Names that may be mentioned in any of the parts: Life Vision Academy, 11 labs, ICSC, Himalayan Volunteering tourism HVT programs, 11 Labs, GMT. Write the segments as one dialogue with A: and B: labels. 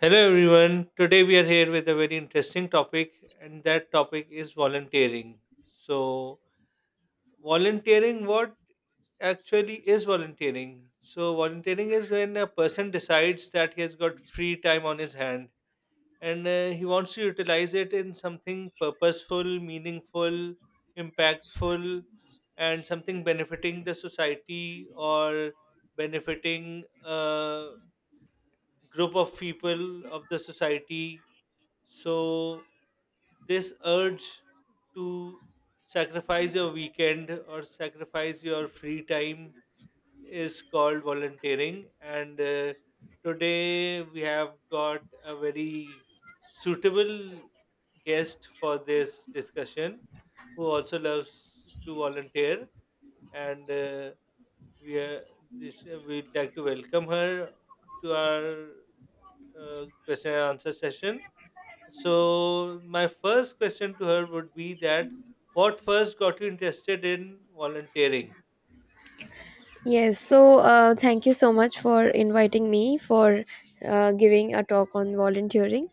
A: Hello everyone. Today we are here with a very interesting topic, and that topic is volunteering. So, volunteering, what actually is volunteering? So, volunteering is when a person decides that he has got free time on his hand and he wants to utilize it in something purposeful, meaningful, impactful, and something benefiting the society or benefiting a group of people of the society, so this urge to sacrifice your weekend or sacrifice your free time is called volunteering. And today we have got a very suitable guest for this discussion who also loves to volunteer. And we are, this, We'd like to welcome her to our question and answer session. So my first question to her would be that what first got you interested in volunteering?
B: Yes, so thank you so much for inviting me for giving a talk on volunteering.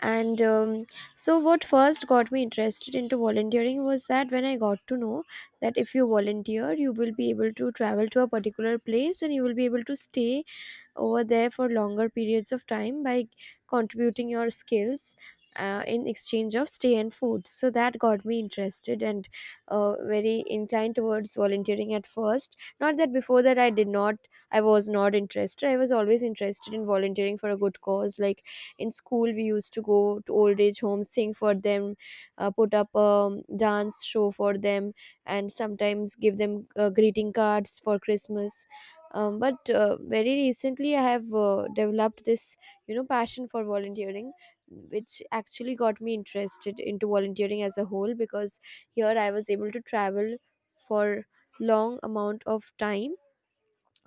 B: And so, what first got me interested into volunteering was that when I got to know that if you volunteer, you will be able to travel to a particular place and you will be able to stay over there for longer periods of time by contributing your skills in exchange of stay and food, so that got me interested and very inclined towards volunteering at first. Not that before that I was not interested, I was always interested in volunteering for a good cause, like in school we used to go to old age homes, sing for them, put up a dance show for them, and sometimes give them greeting cards for Christmas. But very recently I have developed this passion for volunteering, which actually got me interested into volunteering as a whole, because here I was able to travel for long amount of time.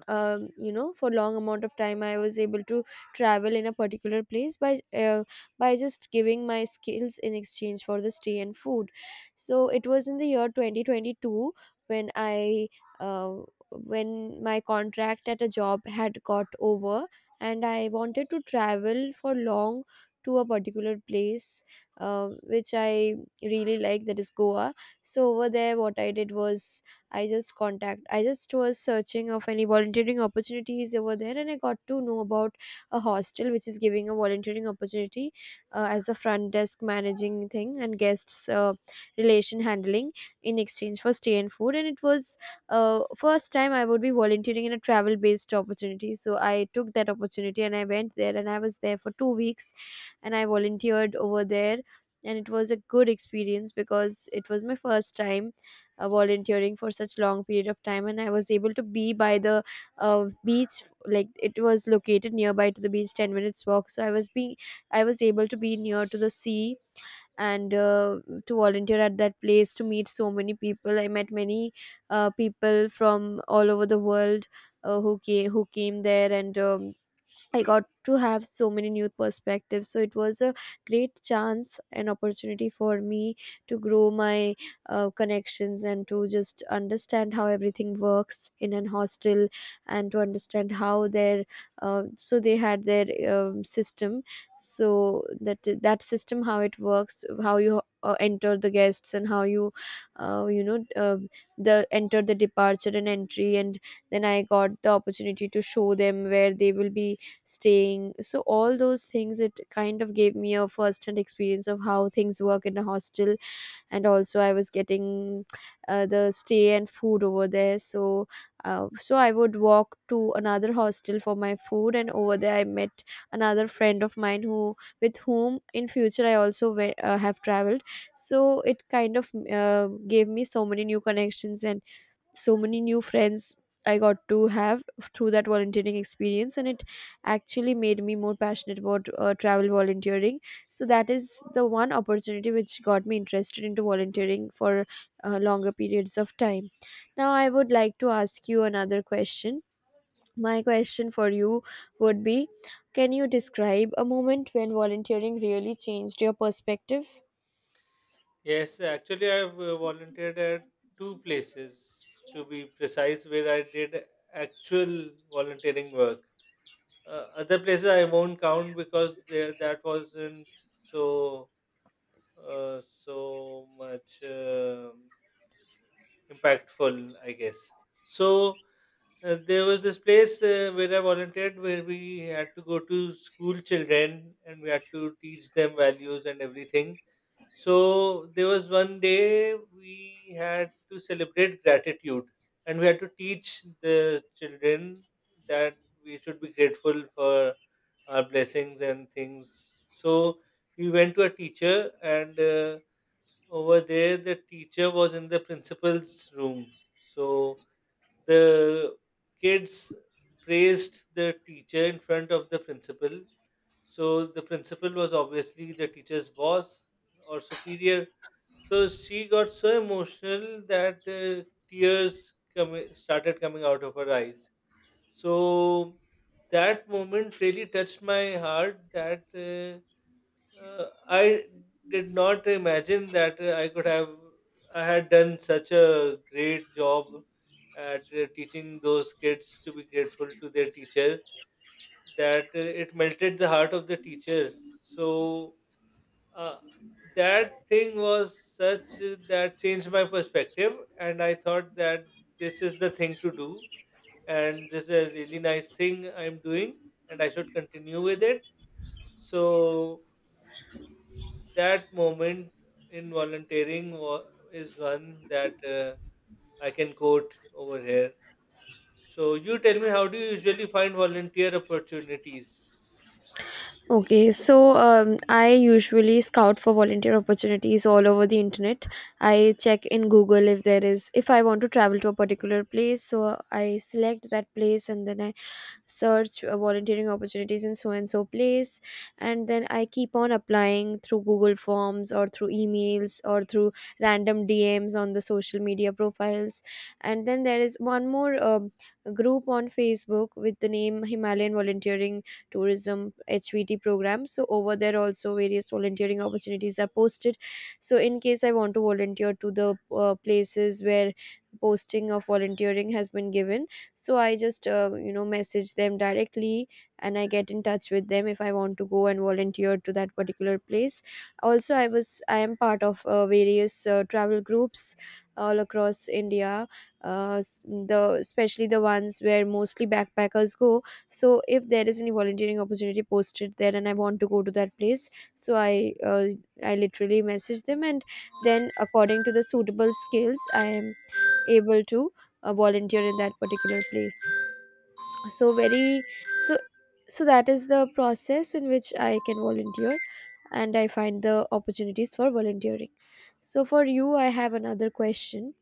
B: For long amount of time I was able to travel in a particular place by just giving my skills in exchange for the stay and food. So it was in the year 2022 when I uh, when my contract at a job had got over and I wanted to travel for long to a particular place which I really like, that is Goa. So over there what I did was, I just was searching of any volunteering opportunities over there, and I got to know about a hostel which is giving a volunteering opportunity as a front desk managing thing and guests relation handling, in exchange for stay and food. And it was first time I would be volunteering in a travel based opportunity, so I took that opportunity and I went there and I was there for 2 weeks, and I volunteered over there. And it was a good experience because it was my first time volunteering for such long period of time, and I was able to be by the beach. Like it was located nearby to the beach, 10 minutes walk, so I was able to be near to the sea. And to volunteer at that place, to meet so many people. I met many people from all over the world, who came there, and I got to have so many new perspectives. So it was a great chance and opportunity for me to grow my connections, and to just understand how everything works in an hostel, and to understand how their so they had their system. So that system, how it works, how you enter the guests and how you you know the enter the departure and entry, and then I got the opportunity to show them where they will be staying. So all those things, it kind of gave me a first hand experience of how things work in a hostel. And also I was getting the stay and food over there. So so I would walk to another hostel for my food, and over there I met another friend of mine who, with whom in future I also have traveled. So it kind of gave me so many new connections and so many new friends I got to have through that volunteering experience, and it actually made me more passionate about travel volunteering. So that is the one opportunity which got me interested into volunteering for longer periods of time. Now I would like to ask you another question. My question for you would be, can you describe a moment when volunteering really changed your perspective?
A: Yes, actually I've volunteered at two places to be precise where I did actual volunteering work. Other places I won't count because there that wasn't so so much. Impactful, I guess. So there was this place where I volunteered where we had to go to school children and we had to teach them values and everything. So there was one day we had to celebrate gratitude, and we had to teach the children that we should be grateful for our blessings and things. So we went to a teacher and over there, the teacher was in the principal's room. So the kids praised the teacher in front of the principal. So the principal was obviously the teacher's boss or superior. So she got so emotional that started coming out of her eyes. So that moment really touched my heart that. I did not imagine that I could have I had done such a great job at teaching those kids to be grateful to their teacher, that it melted the heart of the teacher. So uh, that thing was such that changed my perspective, and I thought that this is the thing to do, and this is a really nice thing I'm doing, and I should continue with it. So that moment in is one that I can quote over here. So, you tell me, how do you usually find volunteer opportunities?
B: Okay, so I usually scout for volunteer opportunities all over the internet. I check in Google if there is, if I want to travel to a particular place, so I select that place and then I search volunteering opportunities in so and so place, and then I keep on applying through Google Forms or through emails or through random DMs on the social media profiles. And then there is one more group on Facebook with the name Himalayan Volunteering tourism HVT programs. So over there also various volunteering opportunities are posted. So in case I want to volunteer to the places where posting of volunteering has been given, so I just message them directly, and I get in touch with them if I want to go and volunteer to that particular place. Also I am part of various travel groups all across India, s- the especially the ones where mostly backpackers go. So if there is any volunteering opportunity posted there and I want to go to that place, so I literally message them, and then according to the suitable skills I am able to volunteer in that particular place. So very so So that is the process in which I can volunteer and I find the opportunities for volunteering. So for you I have another question.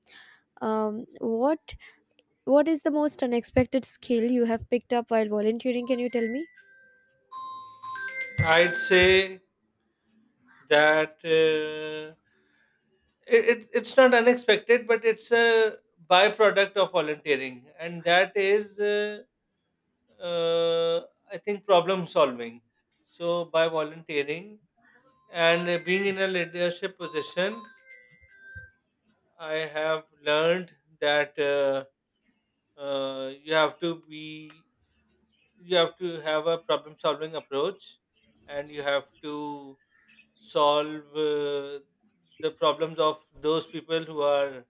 B: um what what is the most unexpected skill you have picked up while volunteering? Can you tell me?
A: I'd say that it's not unexpected, but it's a byproduct of volunteering, and that is, uh, I think, problem solving. So, by volunteering and being in a leadership position, I have learned that uh, you have to be you have to have a problem solving approach, and you have to solve the problems of those people who are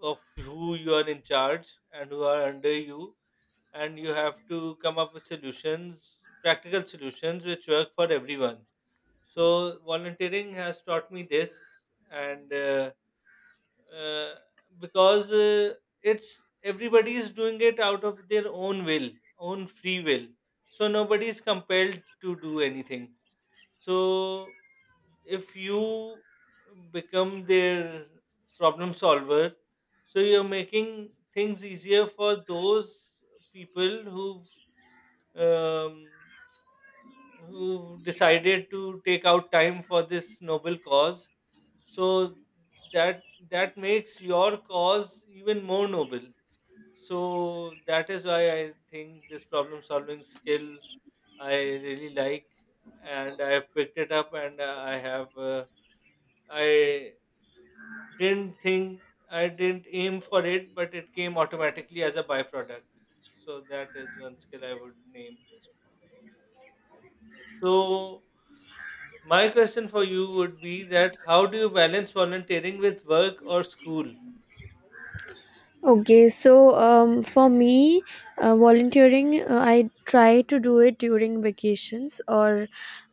A: of who you are in charge and who are under you, and you have to come up with solutions, practical solutions, which work for everyone. So volunteering has taught me this, and uh, because it's everybody is doing it out of their own will, own free will, so nobody is compelled to do anything. So if you become their problem solver, so you're making things easier for those people who've um, who decided to take out time for this noble cause. So that that makes your cause even more noble. So that is why I think this problem solving skill I really like, and I have picked it up, and I have i didn't think I didn't aim for it, but it came automatically as a byproduct. So that is one skill I would name. So my question for you would be that how do you balance volunteering with work or school?
B: Okay, so for me, I try to do it during vacations, or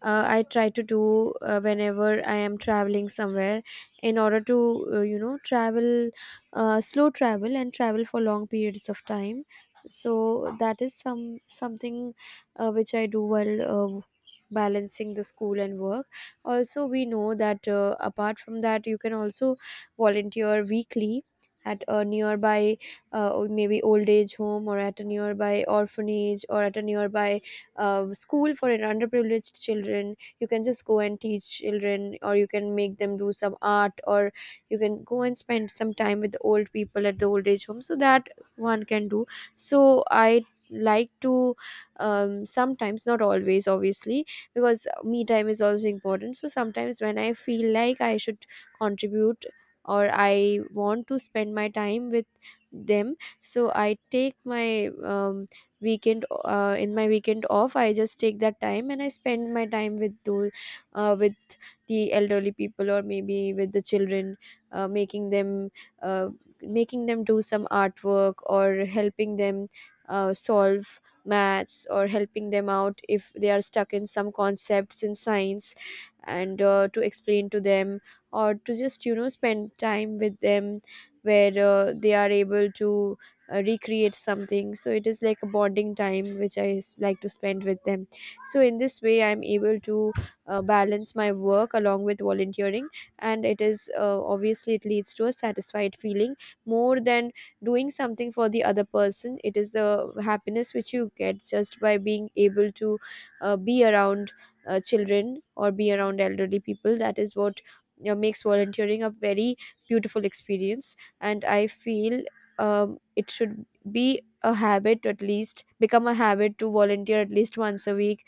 B: I try to do whenever I am traveling somewhere in order to, travel, slow travel and travel for long periods of time. So that is something which I do while uh, balancing the school and work. Also, we know that apart from that, you can also volunteer weekly at a nearby or maybe old age home, or at a nearby orphanage, or at a nearby school for an underprivileged children. You can just go and teach children, or you can make them do some art, or you can go and spend some time with the old people at the old age home. So that one can do. So I like to sometimes, not always obviously, because me time is also important, so sometimes when I feel like I should contribute or I want to spend my time with them, so I take my weekend in my weekend off. I just take that time and I spend my time with those with the elderly people, or maybe with the children, uh, making them uh, making them do some artwork, or helping them solve maths, or helping them out if they are stuck in some concepts in science, and to explain to them, or to just spend time with them, where they are able to recreate something. So it is like a bonding time which like to spend with them. So in this way I'm able to balance my work along with volunteering. And it is obviously it leads to a satisfied feeling, more than doing something for the other person. It is the happiness which you get just by being able to be around children or be around elderly people. That is what makes volunteering a very beautiful experience. And I feel it should be a habit, at least become a habit to volunteer at least once a week,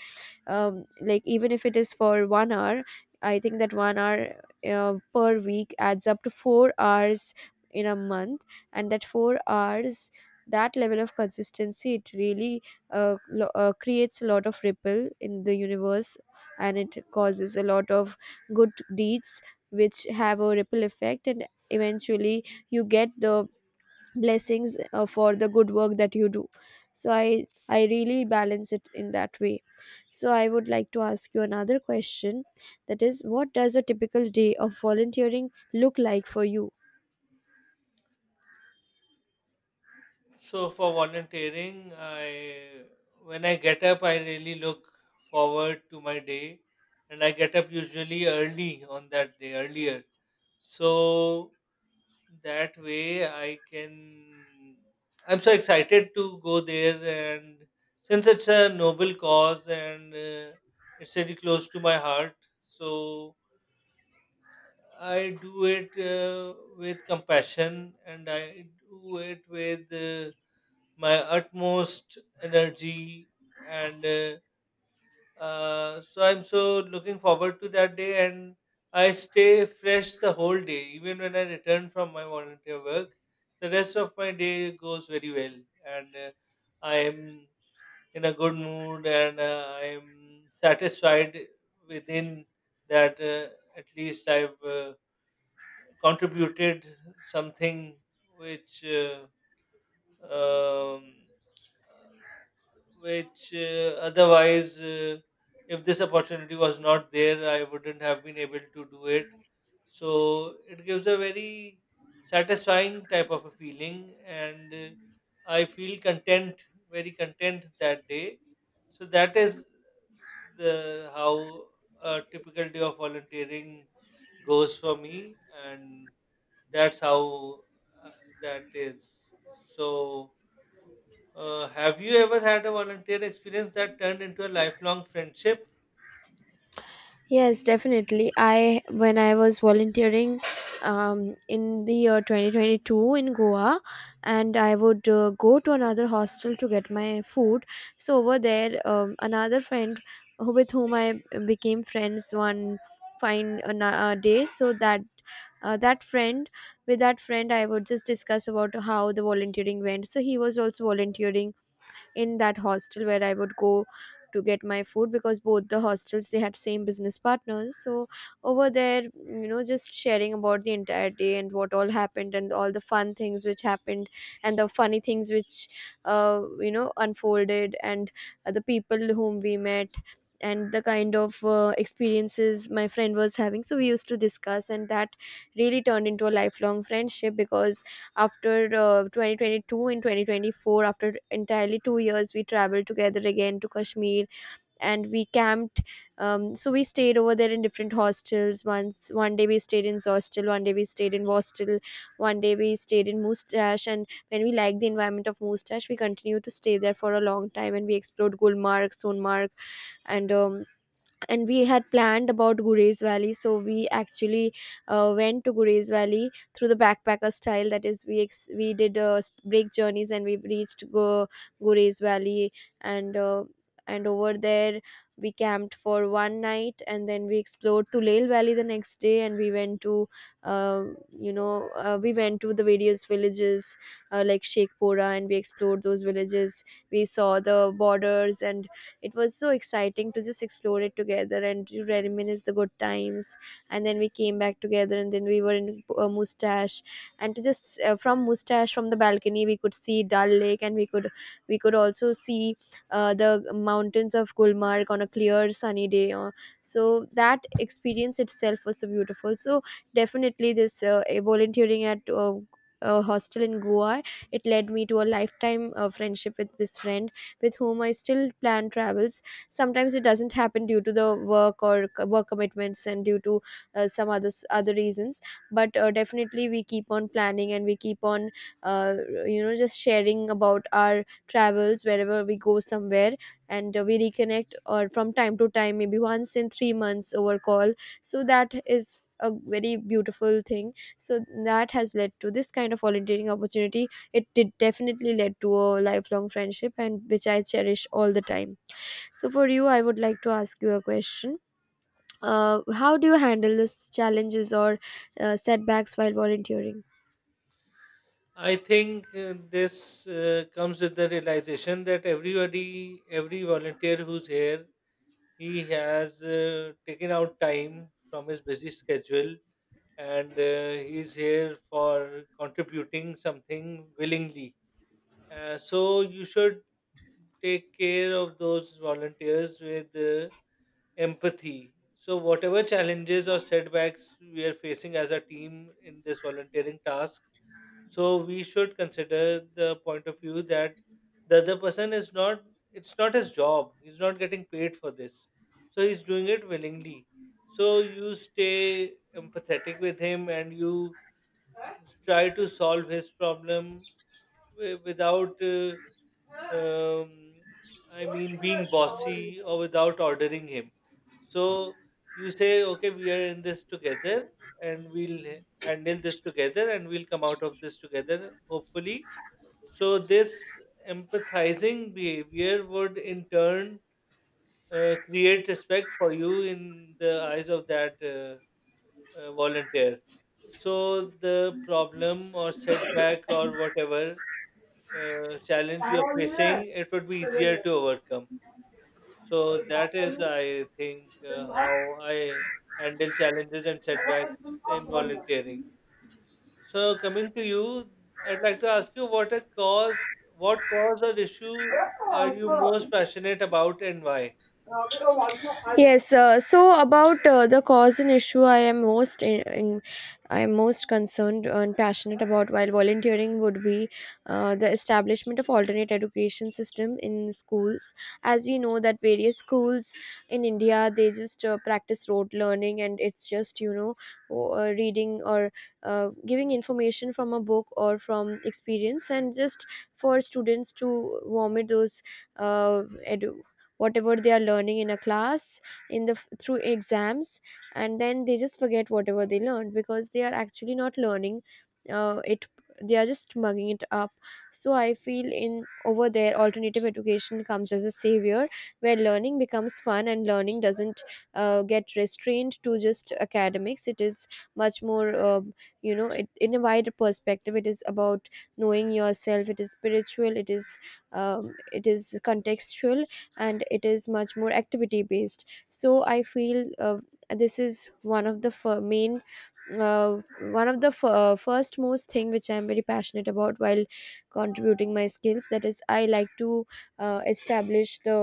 B: like even if it is for 1 hour. I think that 1 hour per week adds up to 4 hours in a month, and that 4 hours, that level of consistency, it really creates a lot of ripple in the universe, and it causes a lot of good deeds which have a ripple effect, and eventually you get the blessings for the good work that you do. So I really balance it in that way. So I would like to ask you another question, that is, what does a typical day of volunteering look like for you?
A: So for volunteering, I when I get up, I really look forward to my day, and I get up usually early on that day, earlier. So that way, I can. I'm so excited to go there, and since it's a noble cause and it's really close to my heart, so I do it with compassion and I do it with my utmost energy. And so I'm so looking forward to that day. And I stay fresh the whole day, even when I return from my volunteer work. The rest of my day goes very well. And I'm in a good mood, and I'm satisfied within that at least I've contributed something which um, otherwise if this opportunity was not there I wouldn't have been able to do it. So it gives a very satisfying type of a feeling, and I feel content, very content that day. So that is the how a typical day of volunteering goes for me, and that's how uh, that is. So, have you ever had a volunteer experience that turned into a lifelong friendship?
B: Yes, definitely. I When I was volunteering in the year 2022 in Goa, and I would go to another hostel to get my food. So over there, another friend who, with whom I became friends one fine day. So that friend, with that friend, I would just discuss about how the volunteering went. So he was also volunteering in that hostel where I would go to get my food, because both the hostels they had same business partners. So over there, just sharing about the entire day and what all happened and all the fun things which happened, and the funny things which unfolded, and the people whom we met, and the kind of experiences my friend was having. So we used to discuss, and that really turned into a lifelong friendship, because after 2022, in 2024, after entirely 2 years, we traveled together again to Kashmir, and we camped. So we stayed over there in different hostels. Once, one day we stayed in hostel, one day we stayed in hostel, one day we stayed in Mustache, and when we liked the environment of Mustache, we continued to stay there for a long time, and we explored Gulmarg, Sonmarg, and um, and we had planned about Gurez Valley. So we actually went to Gurez Valley through the backpacker style. That is, we we did break journeys, and we reached Gurez Valley, and uh, and over there we camped for one night, and then we explored Tulel Valley the next day, and we went to uh, we went to the various villages like Shekhpura, and we explored those villages. We saw the borders, and it was so exciting to just explore it together and to reminisce the good times. And then we came back together, and then we were in Mustache, and to just from Mustache, from the balcony, we could see Dal Lake, and we could also see the mountains of Gulmarg on a clear sunny day. So that experience itself was so beautiful. So definitely this volunteering at a hostel in Goa, it led me to a lifetime friendship with this friend, with whom I still plan travels. Sometimes it doesn't happen due to the work or work commitments and due to some other reasons. But definitely we keep on planning, and we keep on uh, just sharing about our travels wherever we go somewhere, and we reconnect or from time to time, maybe once in 3 months over call. So that is a very beautiful thing. So that has led to this kind of volunteering opportunity. It did definitely led to a lifelong friendship, and which I cherish all the time. So for you, I would like to ask you a question. How do you handle these challenges or setbacks while volunteering?
A: I think this comes with the realization that everybody, every volunteer who's here, he has taken out time from his busy schedule, and he's here for contributing something willingly. So, you should take care of those volunteers with empathy. So, whatever challenges or setbacks we are facing as a team in this volunteering task, so we should consider the point of view that the other person is not, it's not his job. He's not getting paid for this. So, he's doing it willingly. So, you stay empathetic with him and you try to solve his problem without. um, I mean, being bossy or without ordering him. So you say, okay, we are in this together, and we'll handle this together, and we'll come out of this together, hopefully. So this empathizing behavior would in turn create respect for you in the eyes of that volunteer. So the problem or setback or whatever challenge you're facing, it would be easier to overcome. So that is, I think, how I handle challenges and setbacks in volunteering. So coming to you, I'd like to ask you what a cause, what cause or issue are you most passionate about and why?
B: Yes, so about the cause and issue I am most I am most concerned and passionate about while volunteering would be the establishment of alternate education system in schools. As we know that various schools in India, they just practice rote learning, and it's just reading or giving information from a book or from experience, and just for students to vomit those uh, edu- whatever they are learning in a class, in the, through exams. And then they just forget whatever they learned, because they are actually not learning it, they are just mugging it up. So I feel in over there alternative education comes as a savior, where learning becomes fun, and learning doesn't get restrained to just academics. It is much more in a wider perspective, it is about knowing yourself, it is spiritual, it is contextual, and it is much more activity based. So I feel this is one of the main uh, one of the f- first most thing which I'm very passionate about while contributing my skills. That is, I like to establish the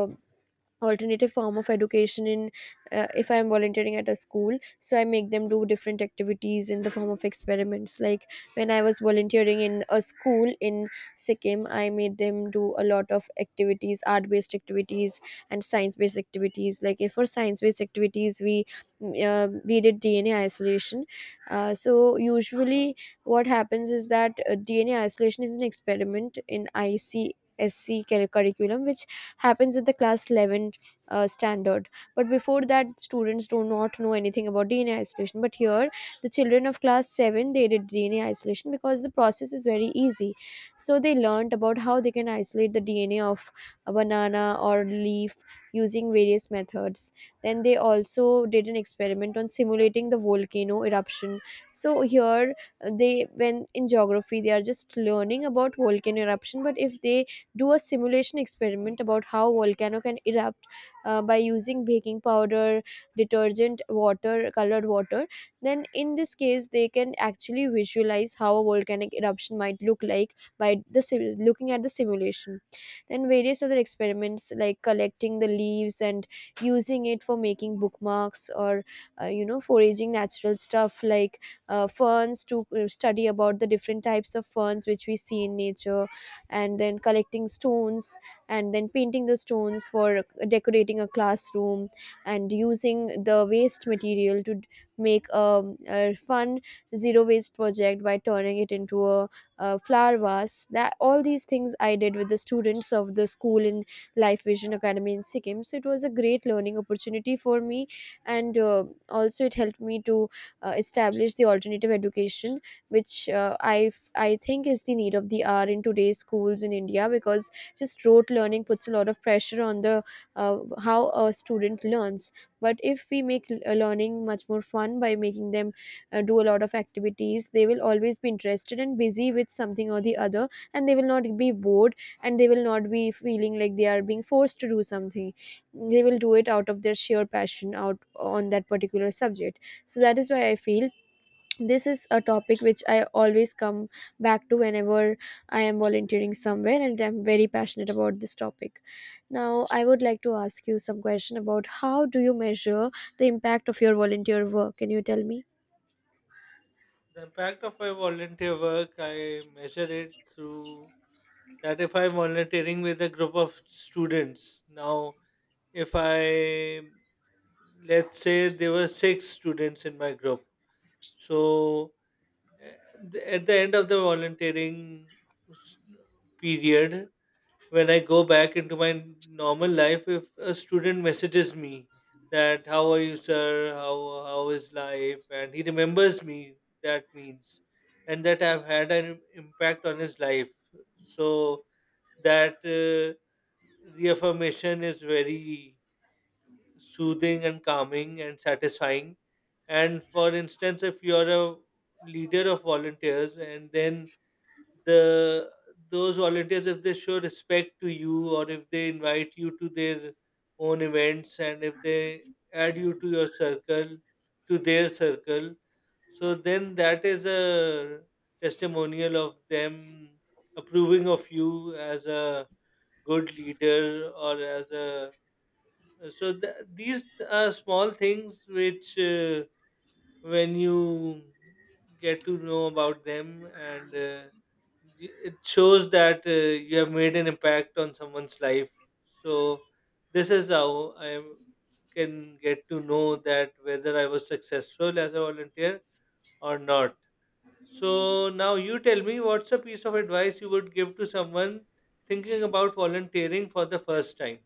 B: alternative form of education in, if I'm volunteering at a school, so I make them do different activities in the form of experiments. Like when I was volunteering in a school in Sikkim, I made them do a lot of activities, art based activities and science based activities. Like if, for science based activities, we we did DNA isolation. So usually what happens is that DNA isolation is an experiment in ICSC curriculum which happens in the class 11 standard. But before that, students do not know anything about DNA isolation. But here, the children of class 7, they did DNA isolation, because the process is very easy. So they learned about how they can isolate the DNA of a banana or leaf using various methods. Then they also did an experiment on simulating the volcano eruption. So here, they, when in geography they are just learning about volcano eruption, but if they do a simulation experiment about how volcano can erupt by using baking powder, detergent water, colored water, then in this case they can actually visualize how a volcanic eruption might look like, by the looking at the simulation. Then various other experiments, like collecting the leaves and using it for making bookmarks, or foraging natural stuff like ferns, to study about the different types of ferns which we see in nature, and then collecting stones, and then painting the stones for decorating a classroom, and using the waste material to make a fun zero waste project by turning it into a flower vase. That all these things I did with the students of the school in Life Vision Academy in Sikkim. So it was a great learning opportunity for me, and also it helped me to establish the alternative education, which I think is the need of the hour in today's schools in India. Because just rote learning puts a lot of pressure on the how a student learns. But if we make learning much more fun by making them do a lot of activities, they will always be interested and busy with something or the other, and they will not be bored, and they will not be feeling like they are being forced to do something. They will do it out of their sheer passion out on that particular subject. So that is why I feel this is a topic which I always come back to whenever I am volunteering somewhere, and I'm very passionate about this topic. Now I would like to ask you some question about how do you measure the impact of your volunteer work. Can you tell me?
A: The impact of my volunteer work, I measure it through that if I'm volunteering with a group of students. Now, if I, let's say there were six students in my group. So Uh, At the end of the s- period, when I go back into my normal life, if a student messages me that "How are you, sir? How is life?" and he remembers me, that means, and that I've had an impact on his life. So that reaffirmation is very soothing and calming and satisfying. And for instance, if you're a leader of volunteers, and then the those volunteers, if they show respect to you or if they invite you to their own events and if they add you to their circle, so then that is a testimonial of them approving of you as a good leader or as a so these are small things which when you get to know about them, and it shows that you have made an impact on someone's life. So this is how can get to know that whether I was successful as a volunteer or not. So now you tell me what's a piece of advice you would give to someone thinking about volunteering for the first time.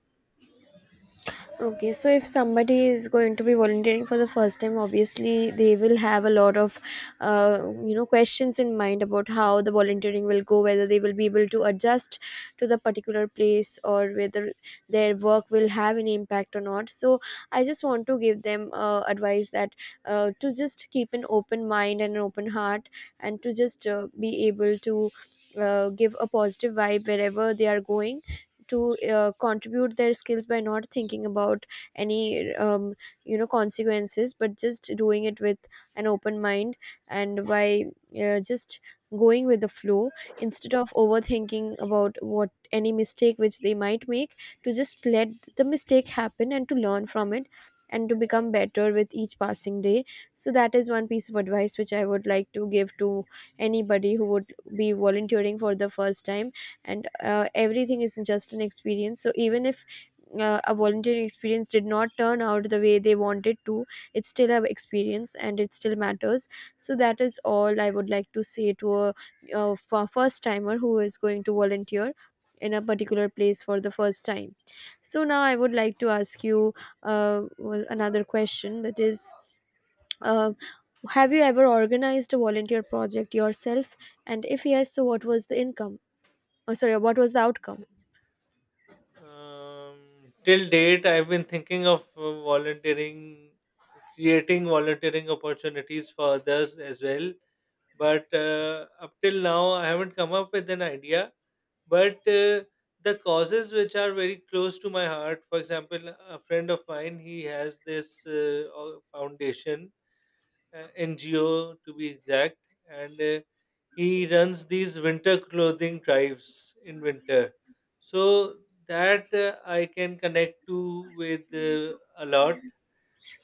B: Okay, so if somebody is going to be volunteering for the first time, obviously they will have a lot of questions in mind about how the volunteering will go, whether they will be able to adjust to the particular place, or whether their work will have an impact or not. So I just want to give them advice that, to just keep an open mind and an open heart, and to just be able to give a positive vibe wherever they are going to contribute their skills, by not thinking about any consequences, but just doing it with an open mind, and by just going with the flow, instead of overthinking about what any mistake which they might make, to just let the mistake happen and to learn from it, and to become better with each passing day. So that is one piece of advice which I would like to give to anybody who would be volunteering for the first time. And everything is just an experience, so even if a volunteering experience did not turn out the way they wanted to, it's still an experience, and it still matters. So that is all I would like to say to first timer who is going to volunteer in a particular place for the first time. So now I would like to ask you, another question, that is, uh, have you ever organized a volunteer project yourself, and if yes, so what was the income? Oh, sorry, what was the outcome?
A: Till date, I've been thinking of volunteering, creating volunteering opportunities for others as well. But up till now, I haven't come up with an idea. But the causes which are very close to my heart, for example, a friend of mine, he has this foundation, NGO to be exact, and he runs these winter clothing drives in winter. So that I can connect to with a lot.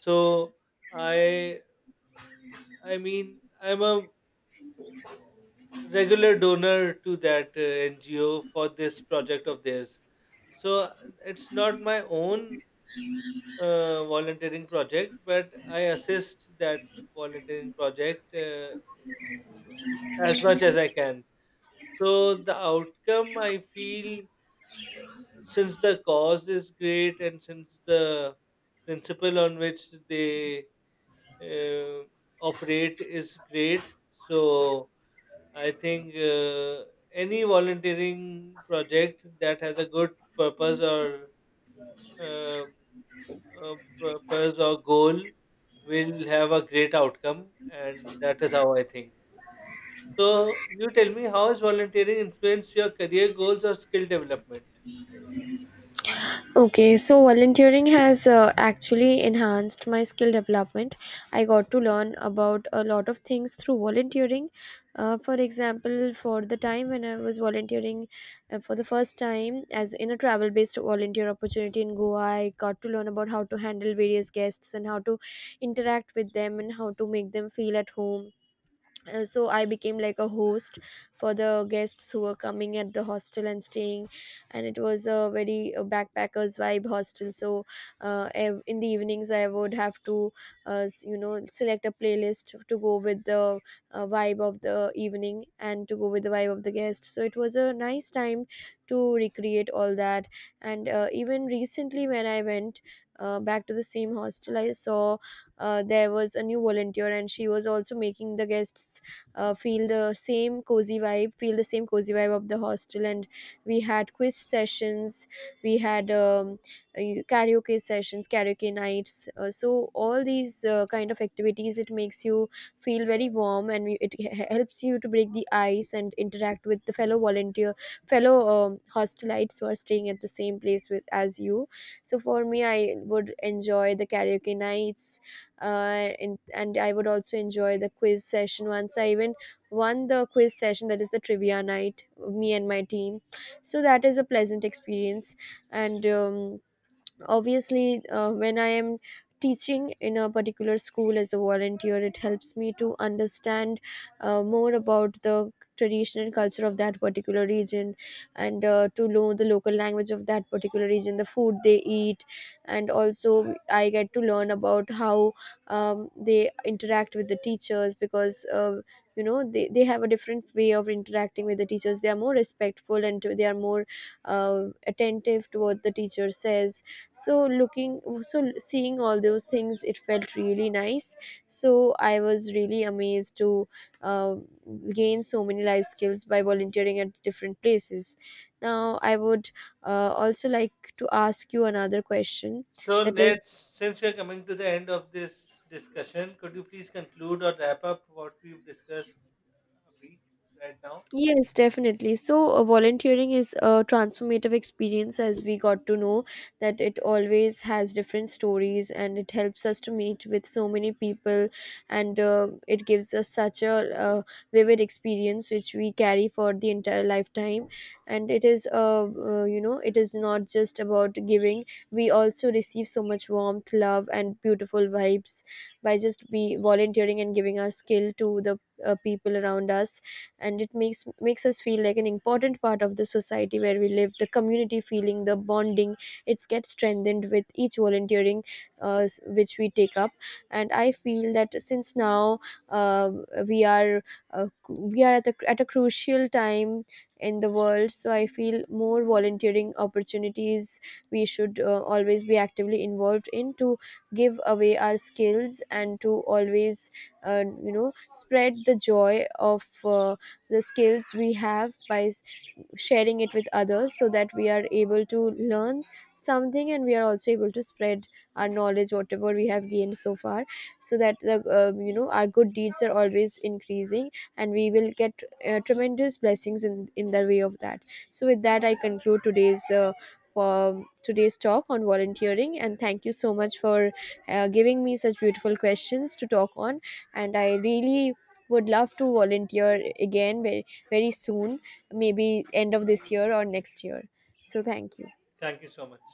A: So I I mean, I'm a regular donor to that NGO for this project of theirs. So it's not my own volunteering project, but I assist that volunteering project as much as I can. So the outcome I feel, uh, since the cause is great and since the principle on which they uh, operate is great, so I think any volunteering project that has a good purpose or uh, goal will have a great outcome, and that is how I think. So, you tell me how has volunteering influenced your career goals or skill development?
B: Okay, so volunteering has actually enhanced my skill development. I got to learn about a lot of things through volunteering. For example, for the time when I was volunteering for the first time, as in a travel based volunteer opportunity in Goa, I got to learn about how to handle various guests, and how to interact with them, and how to make them feel at home. So I became like a host for the guests who were coming at the hostel and staying, and it was a very backpackers vibe hostel. So in the evenings I would have to select a playlist to go with the vibe of the evening, and to go with the vibe of the guest. So it was a nice time to recreate all that. And even recently when I went back to the same hostel, I saw there was a new volunteer, and she was also making the guests feel the same cozy vibe, feel the same cozy vibe of the hostel. And we had quiz sessions, we had karaoke sessions, karaoke nights. So all these kind of activities, it makes you feel very warm, and it helps you to break the ice and interact with the fellow volunteer, fellow hostelites who are staying at the same place with as you. So for me, I would enjoy the karaoke nights and I would also enjoy the quiz session. Once I even won the quiz session, that is the trivia night, me and my team. So that is a pleasant experience. And. Obviously when I am teaching in a particular school as a volunteer, it helps me to understand more about the tradition and culture of that particular region, and to know the local language of that particular region, the food they eat. And also I get to learn about how they interact with the teachers, because they have a different way of interacting with the teachers. They are more respectful, and they are more attentive to what the teacher says. So looking so seeing all those things, it felt really nice. So I was really amazed to uh, gain so many life skills by volunteering at different places. Now I would also like to ask you another question,
A: So,
B: that
A: let's
B: is,
A: since we are coming to the end of this discussion, could you please conclude or wrap up what we've discussed, Abhi, right now?
B: Yes, definitely. So, volunteering is a transformative experience, as we got to know that it always has different stories, and it helps us to meet with so many people. And it gives us such a vivid experience which we carry for the entire lifetime. And it is, it is not just about giving, we also receive so much warmth, love, and beautiful vibes by just be volunteering and giving our skill to the people around us. And it makes us feel like an important part of the society where we live. The community feeling, the bonding, it gets strengthened with each volunteering which we take up. And I feel that, since now, uh, we are we are at a crucial time in the world, so I feel more volunteering opportunities we should always be actively involved in, to give away our skills, and to always spread the joy of the skills we have by sharing it with others, so that we are able to learn something, and we are also able to spread our knowledge, whatever we have gained so far, so that the our good deeds are always increasing, and we will get tremendous blessings in the way of that. So with that, I conclude today's today's talk on volunteering, and thank you so much for giving me such beautiful questions to talk on. And I really would love to volunteer again very, very soon, maybe end of this year or next year. So, thank you.
A: Thank you so much.